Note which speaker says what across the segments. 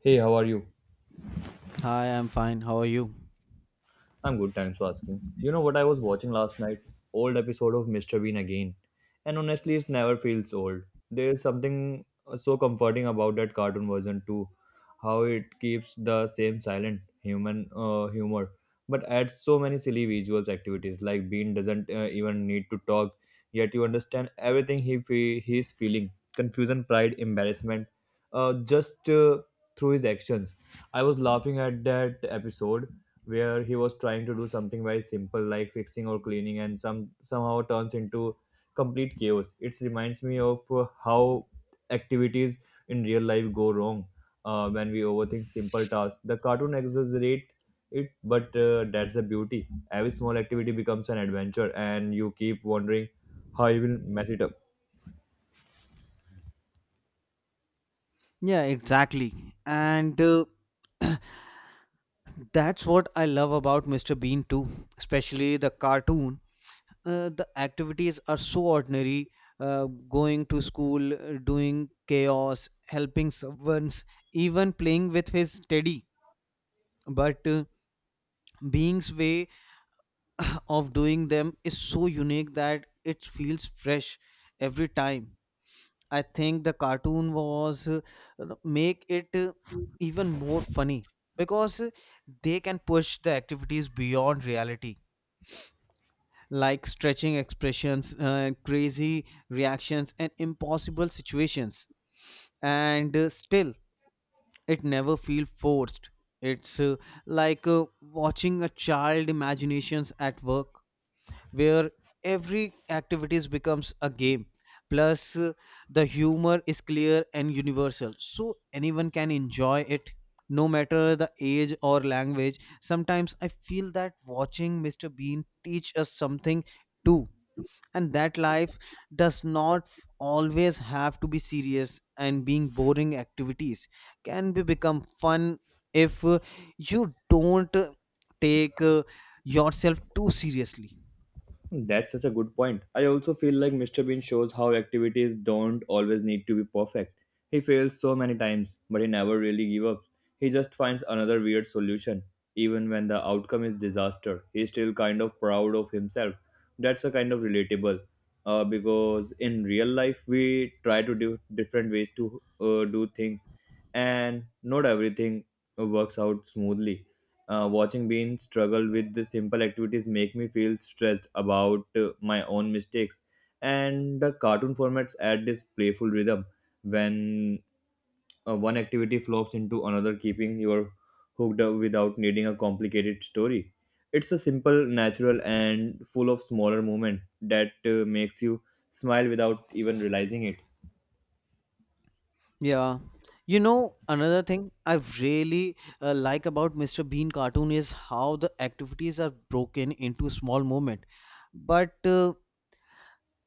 Speaker 1: Hey, how are you?
Speaker 2: Hi, I'm fine. How are you?
Speaker 1: I'm good, thanks for asking. You know what I was watching last night? Old episode of Mr. Bean again. And honestly, it never feels old. There's something so comforting about that cartoon version too. How it keeps the same silent human humor, but adds so many silly visuals activities. Like Bean doesn't even need to talk; yet you understand everything he is feeling confusion, pride, embarrassment, just through his actions. I was laughing at that episode where he was trying to do something very simple, like fixing or cleaning, and somehow turns into complete chaos. It reminds me of how activities in real life go wrong when we overthink simple tasks. The cartoon exaggerate it, but that's the beauty: every small activity becomes an adventure and you keep wondering how he will mess it up.
Speaker 2: Yeah, exactly. And that's what I love about Mr. Bean too, especially the cartoon. The activities are so ordinary, going to school, doing chaos, helping servants, even playing with his teddy. But Bean's way of doing them is so unique that it feels fresh every time. I think the cartoon was make it even more funny because they can push the activities beyond reality, like stretching expressions, crazy reactions, and impossible situations. And still, it never feels forced. It's like watching a child imaginations at work, where every activities becomes a game. Plus the humor is clear and universal, so anyone can enjoy it no matter the age or language. Sometimes I feel that watching Mr. Bean teach us something too, and that life does not always have to be serious, and being boring activities can be become fun if you don't take yourself too seriously.
Speaker 1: That's such a good point. I also feel like Mr. Bean shows how activities don't always need to be perfect. He fails so many times, but he never really gives up. He just finds another weird solution. Even when the outcome is disaster, he's still kind of proud of himself. That's a kind of relatable. Because in real life, we try to do different ways to do things, and not everything works out smoothly. Watching Bean struggle with the simple activities make me feel stressed about my own mistakes. And the cartoon formats add this playful rhythm when one activity flows into another, keeping you hooked up without needing a complicated story. It's a simple, natural, and full of smaller movement that makes you smile without even realizing it.
Speaker 2: Yeah. You know, another thing I really like about Mr. Bean cartoon is how the activities are broken into small moment. But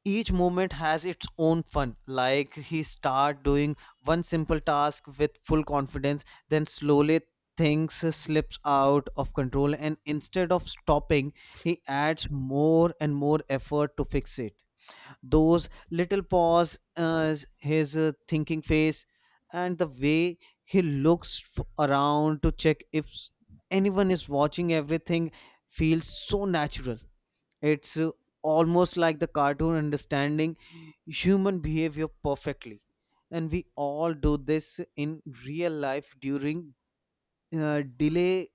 Speaker 2: each moment has its own fun. Like he start doing one simple task with full confidence, then slowly things slips out of control, and instead of stopping, he adds more and more effort to fix it. Those little paws, his thinking face, and the way he looks around to check if anyone is watching, everything feels so natural. It's almost like the cartoon understanding human behavior perfectly. And we all do this in real life during delay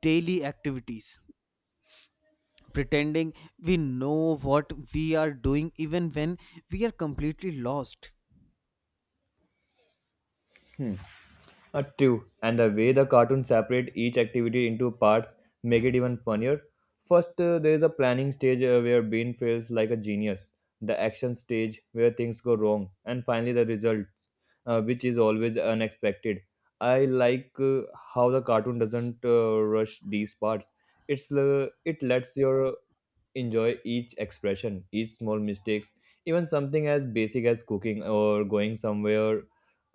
Speaker 2: daily activities, pretending we know what we are doing even when we are completely lost.
Speaker 1: True, and the way the cartoon separate each activity into parts make it even funnier. First, there is a planning stage where Bean feels like a genius, the action stage where things go wrong, and finally the results, which is always unexpected. I like how the cartoon doesn't rush these parts. It lets your enjoy each expression, each small mistakes, even something as basic as cooking or going somewhere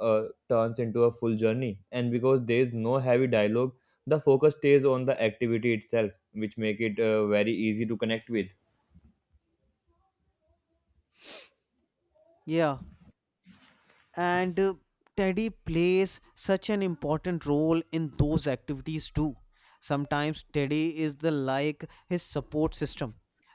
Speaker 1: turns into a full journey. And because there is no heavy dialogue, the focus stays on the activity itself, which make it very easy to connect with.
Speaker 2: Yeah, and Teddy plays such an important role in those activities too. Sometimes Teddy is the like his support system,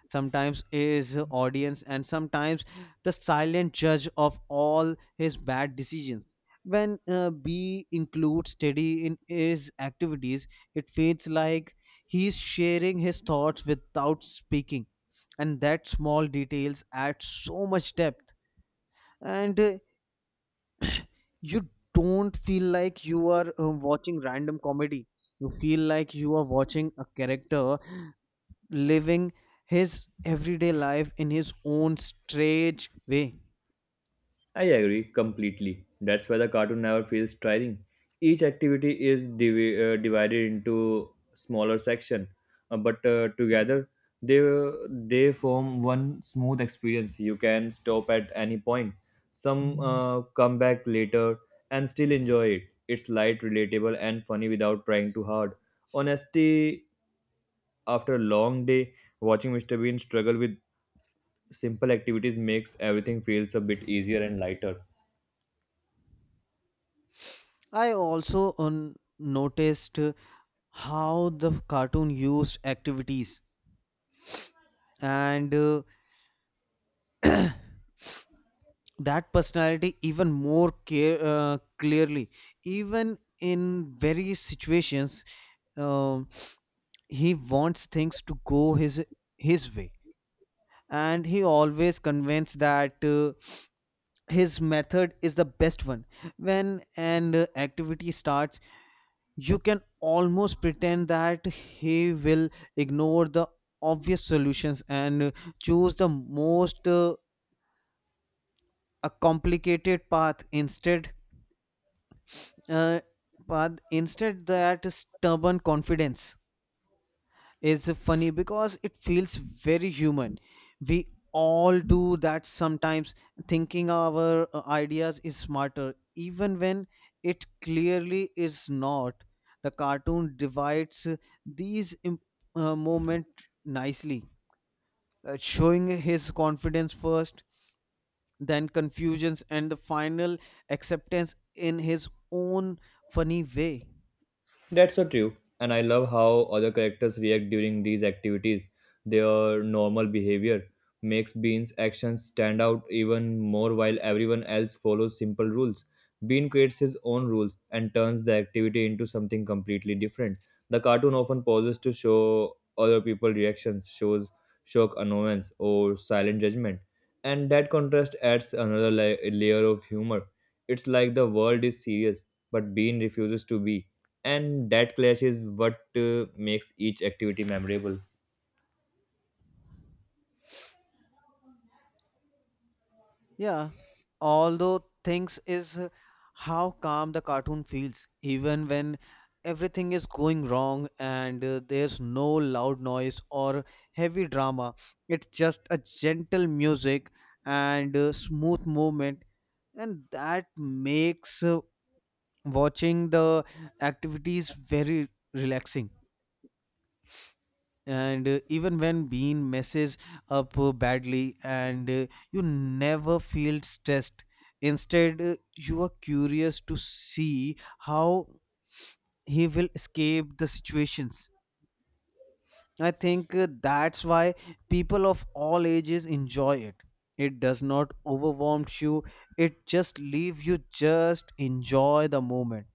Speaker 2: sometimes is audience, and sometimes the silent judge of all his bad decisions. When B includes Teddy in his activities, it feels like he's sharing his thoughts without speaking, and that small details add so much depth, and you don't feel like you are watching random comedy. You feel like you are watching a character living his everyday life in his own strange way.
Speaker 1: I agree completely. That's why the cartoon never feels tiring. Each activity is divided into smaller section, but together they they form one smooth experience. You can stop at any point. Some Come back later and still enjoy it. It's light, relatable, and funny without trying too hard. Honestly, after a long day, watching Mr. Bean struggle with simple activities makes everything feels a bit easier and lighter.
Speaker 2: I also noticed how the cartoon used activities and that personality even more care, clearly, even in various situations. um, he wants things to go his way, and he always convinced that his method is the best one. When an activity starts, you can almost pretend that he will ignore the obvious solutions and choose the most a complicated path instead. uh, that stubborn confidence is funny because it feels very human. We all do that sometimes, thinking our ideas is smarter, even when it clearly is not. The cartoon divides these moments nicely, showing his confidence first, then confusions, and the final acceptance in his own funny way.
Speaker 1: That's so true. And I love how other characters react during these activities. Their normal behavior makes Bean's actions stand out even more. While everyone else follows simple rules, Bean creates his own rules and turns the activity into something completely different. The cartoon often pauses to show other people's reactions, shows shock, annoyance, or silent judgment, and that contrast adds another layer of humor. It's like the world is serious, but Bean refuses to be, and that clash is what makes each activity memorable.
Speaker 2: Yeah, although things is how calm the cartoon feels, even when everything is going wrong, and there's no loud noise or heavy drama. It's just a gentle music and smooth movement, and that makes watching the activities very relaxing. And even when bean messes up badly, and you never feel stressed. Instead, you are curious to see how he will escape the situations. I think that's why people of all ages enjoy it. It does not overwhelm you. It just leave you just enjoy the moment.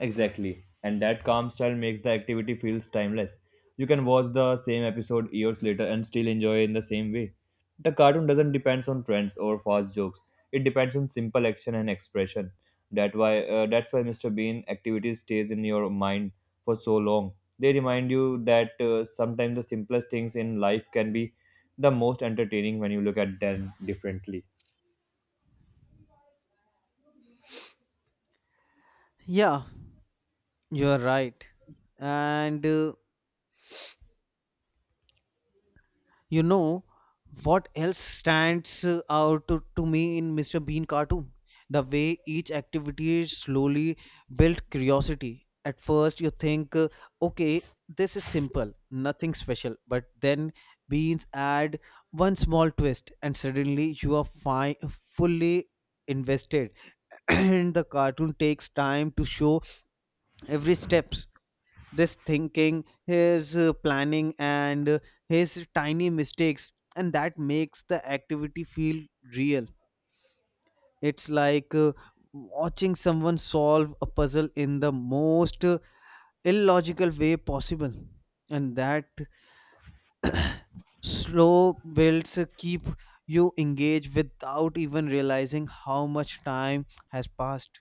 Speaker 1: Exactly. And that calm style makes the activity feels timeless. You can watch the same episode years later and still enjoy in the same way. The cartoon doesn't depends on trends or fast jokes. It depends on simple action and expression. That's why Mr. Bean activity stays in your mind for so long. They remind you that sometimes the simplest things in life can be the most entertaining when you look at them differently.
Speaker 2: Yeah, you're right. And you know what else stands out to me in Mr. Bean cartoon? The way each activity slowly built curiosity. At first, you think, okay, this is simple, nothing special. But then Beans add one small twist, and suddenly you are fully invested. And the cartoon takes time to show every step, this thinking, his planning, and his tiny mistakes, and that makes the activity feel real. It's like watching someone solve a puzzle in the most illogical way possible, and that slow builds keep you engaged without even realizing how much time has passed.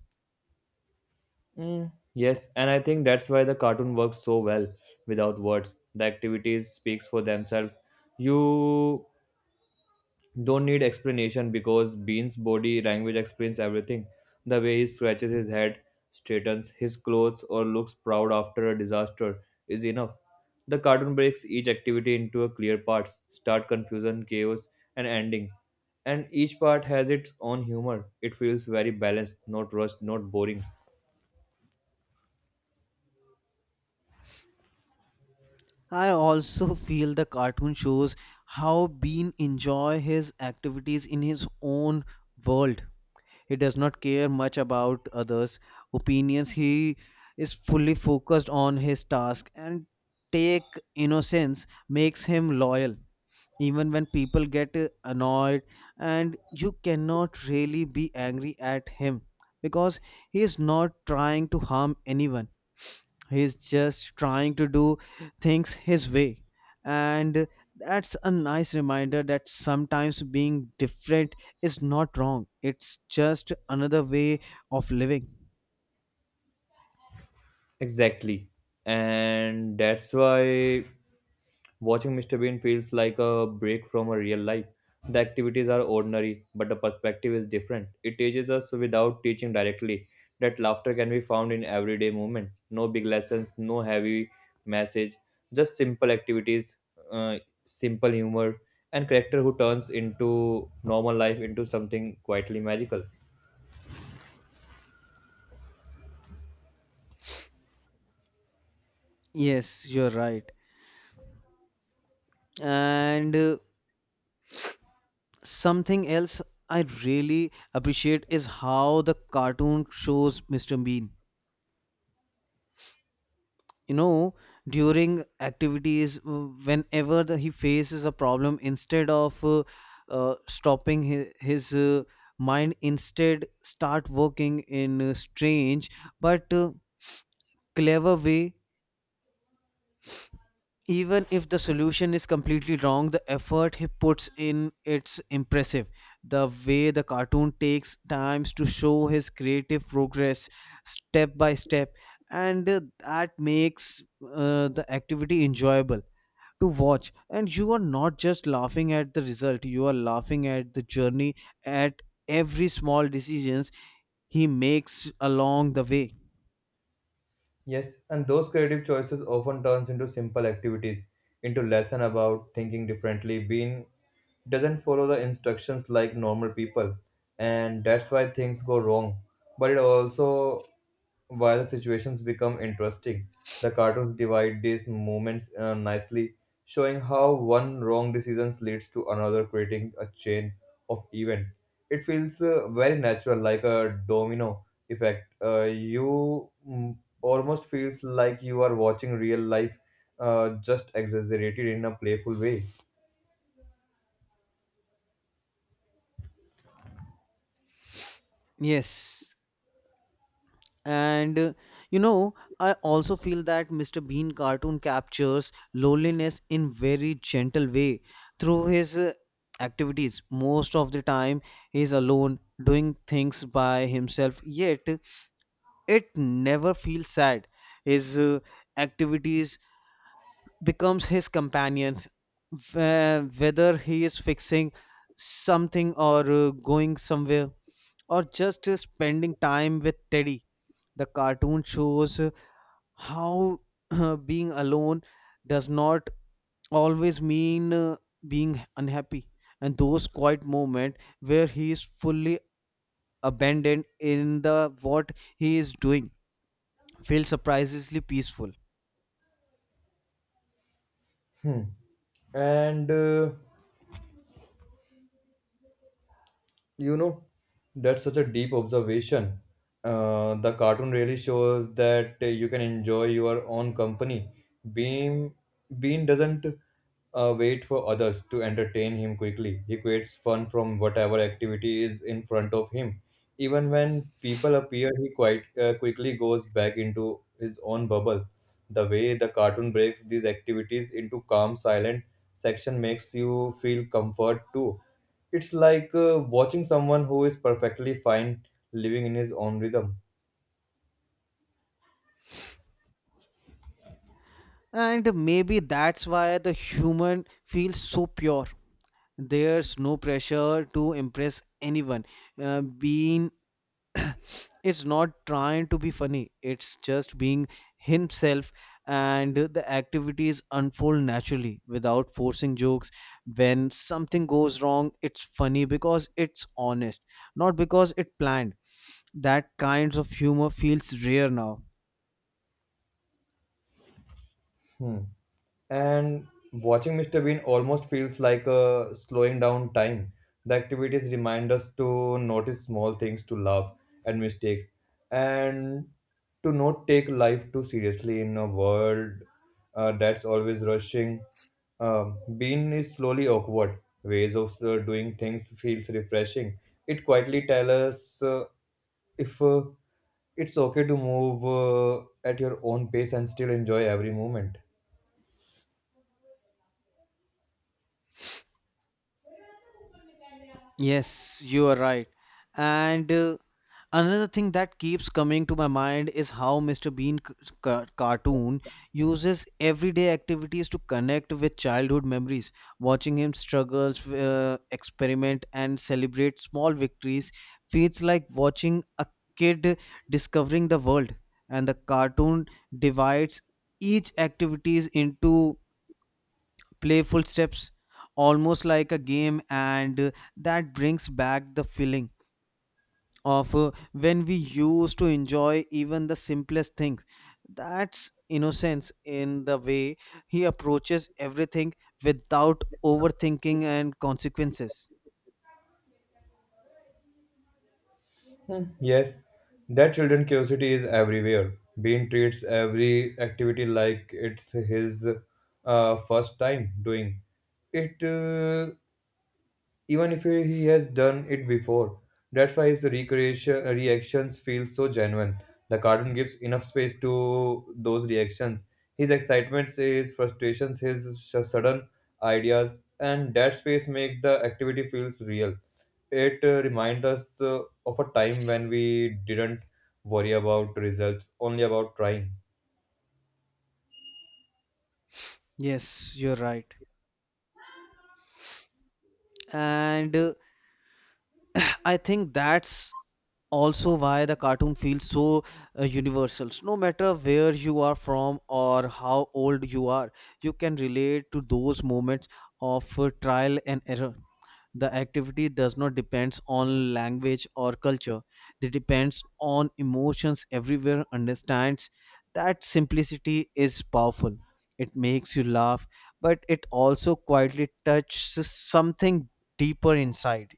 Speaker 1: Mm, yes, and I think that's why the cartoon works so well without words. The activities speaks for themselves. You don't need explanation because Bean's body language explains everything. The way he scratches his head, straightens his clothes, or looks proud after a disaster is enough. The cartoon breaks each activity into a clear parts: start, confusion, chaos, and ending. And each part has its own humor. It feels very balanced, not rushed, not boring.
Speaker 2: I also feel the cartoon shows how Bean enjoy his activities in his own world. He does not care much about others' opinions. He is fully focused on his task, and take innocence makes him loyal even when people get annoyed. And you cannot really be angry at him because he is not trying to harm anyone. He's just trying to do things his way, and that's a nice reminder that sometimes being different is not wrong, it's just another way of living.
Speaker 1: Exactly. And that's why watching Mr. Bean feels like a break from a real life. The activities are ordinary, but the perspective is different. It teaches us without teaching directly that laughter can be found in everyday movement. No big lessons, no heavy message, just simple activities, uh, simple humor, and character who turns into normal life into something quietly magical.
Speaker 2: Yes, you're right, and something else I really appreciate is how the cartoon shows Mr. Bean, you know, during activities. Whenever he faces a problem, instead of stopping his mind instead start working in a strange but clever way. Even if the solution is completely wrong, the effort he puts in it's impressive. The way the cartoon takes times to show his creative progress step by step, and that makes the activity enjoyable to watch. And you are not just laughing at the result, you are laughing at the journey, at every small decisions he makes along the way.
Speaker 1: Yes, and those creative choices often turns into simple activities, into lesson about thinking differently, being doesn't follow the instructions like normal people, and that's why things go wrong. But it also why the situations become interesting. The cartoons divide these moments nicely, showing how one wrong decisions leads to another, creating a chain of event. It feels very natural, like a domino effect. You almost feels like you are watching real life, just exaggerated in a playful way.
Speaker 2: Yes, and you know, I also feel that Mr. Bean cartoon captures loneliness in very gentle way through his activities. Most of the time he is alone, doing things by himself, yet it never feels sad. His activities becomes his companions, whether he is fixing something, or going somewhere, or just spending time with Teddy. The cartoon shows how being alone does not always mean being unhappy, and those quiet moments where he is fully abandoned in the what he is doing feel surprisingly peaceful.
Speaker 1: Hmm. And You know, that's such a deep observation. The cartoon really shows that you can enjoy your own company. Bean bean doesn't wait for others to entertain him. Quickly he creates fun from whatever activity is in front of him. Even when people appear, he quite quickly goes back into his own bubble. The way the cartoon breaks these activities into calm silent section makes you feel comfort too. It's like watching someone who is perfectly fine living in his own rhythm.
Speaker 2: And maybe that's why the human feels so pure. There's no pressure to impress anyone. Being it's not trying to be funny, it's just being himself, and the activities unfold naturally without forcing jokes. When something goes wrong, it's funny because it's honest, not because it planned. That kinds of humor feels rare now.
Speaker 1: Hmm. And watching Mr. Bean almost feels like a slowing down time. The activities remind us to notice small things, to laugh at mistakes, and to not take life too seriously in a world that's always rushing. Bean is slowly awkward. Ways of doing things feels refreshing. It quietly tells us if it's okay to move at your own pace and still enjoy every moment.
Speaker 2: Yes, you are right, and another thing that keeps coming to my mind is how Mr. Bean cartoon uses everyday activities to connect with childhood memories. Watching him struggles, experiment, and celebrate small victories feels like watching a kid discovering the world. And the cartoon divides each activities into playful steps, almost like a game, and that brings back the feeling of when we used to enjoy even the simplest things. That's innocence in the way he approaches everything without overthinking and consequences.
Speaker 1: Yes, that children curiosity is everywhere. Bean treats every activity like it's his first time doing it. Even if he has done it before. That's why his recreation reactions feel so genuine. The cartoon gives enough space to those reactions: his excitements, his frustrations, his sudden ideas, and that space makes the activity feels real. It reminds us of a time when we didn't worry about results, only about trying.
Speaker 2: Yes, you're right. And I think that's also why the cartoon feels so universal. No matter where you are from or how old you are, you can relate to those moments of trial and error. The activity does not depend on language or culture. It depends on emotions everywhere understands that simplicity is powerful. It makes you laugh, but it also quietly touches something deeper inside.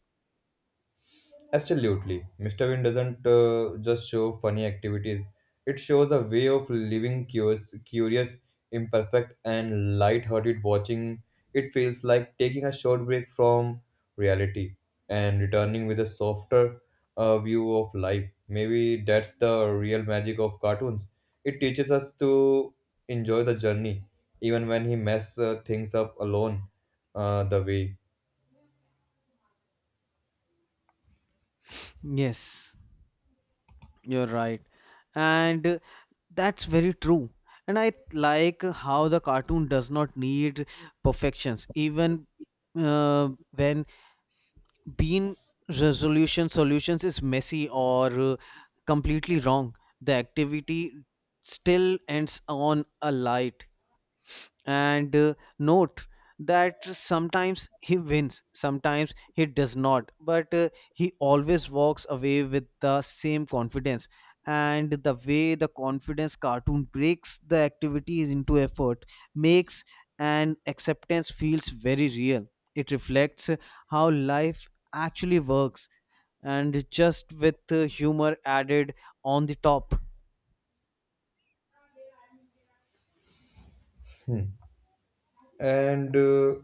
Speaker 1: Absolutely. Mr. Bean doesn't just show funny activities. It shows a way of living: curious, imperfect, and light-hearted watching. It feels like taking a short break from reality and returning with a softer view of life. Maybe that's the real magic of cartoons. It teaches us to enjoy the journey, even when he mess things up alone the way.
Speaker 2: Yes. You're right. And that's very true. And I like how the cartoon does not need perfections, even when bean resolution solutions is messy or completely wrong. The activity still ends on a light and note, that sometimes he wins, sometimes he does not, but he always walks away with the same confidence. And the way the confidence cartoon breaks the activities into effort makes an acceptance feels very real. It reflects how life actually works, and just with humor added on the top.
Speaker 1: Hmm. And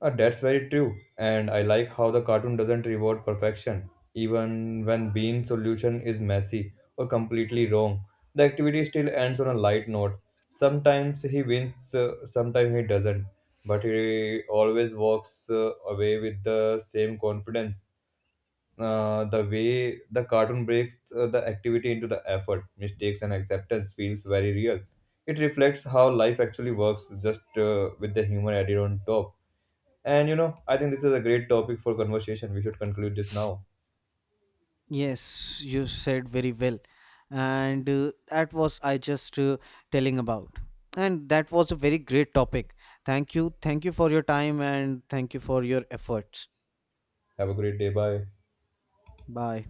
Speaker 1: That's very true, and I like how the cartoon doesn't reward perfection, even when Bean's solution is messy or completely wrong. The activity still ends on a light note. Sometimes he wins, sometimes he doesn't, but he always walks away with the same confidence. The way the cartoon breaks the activity into the effort, mistakes, and acceptance feels very real. It reflects how life actually works, just with the humor added on top. And you know, I think this is a great topic for conversation. We should conclude this now.
Speaker 2: Yes, you said very well. And that was I just telling about. And that was a very great topic. Thank you. Thank you for your time and thank you for your efforts.
Speaker 1: Have a great day. Bye.
Speaker 2: Bye.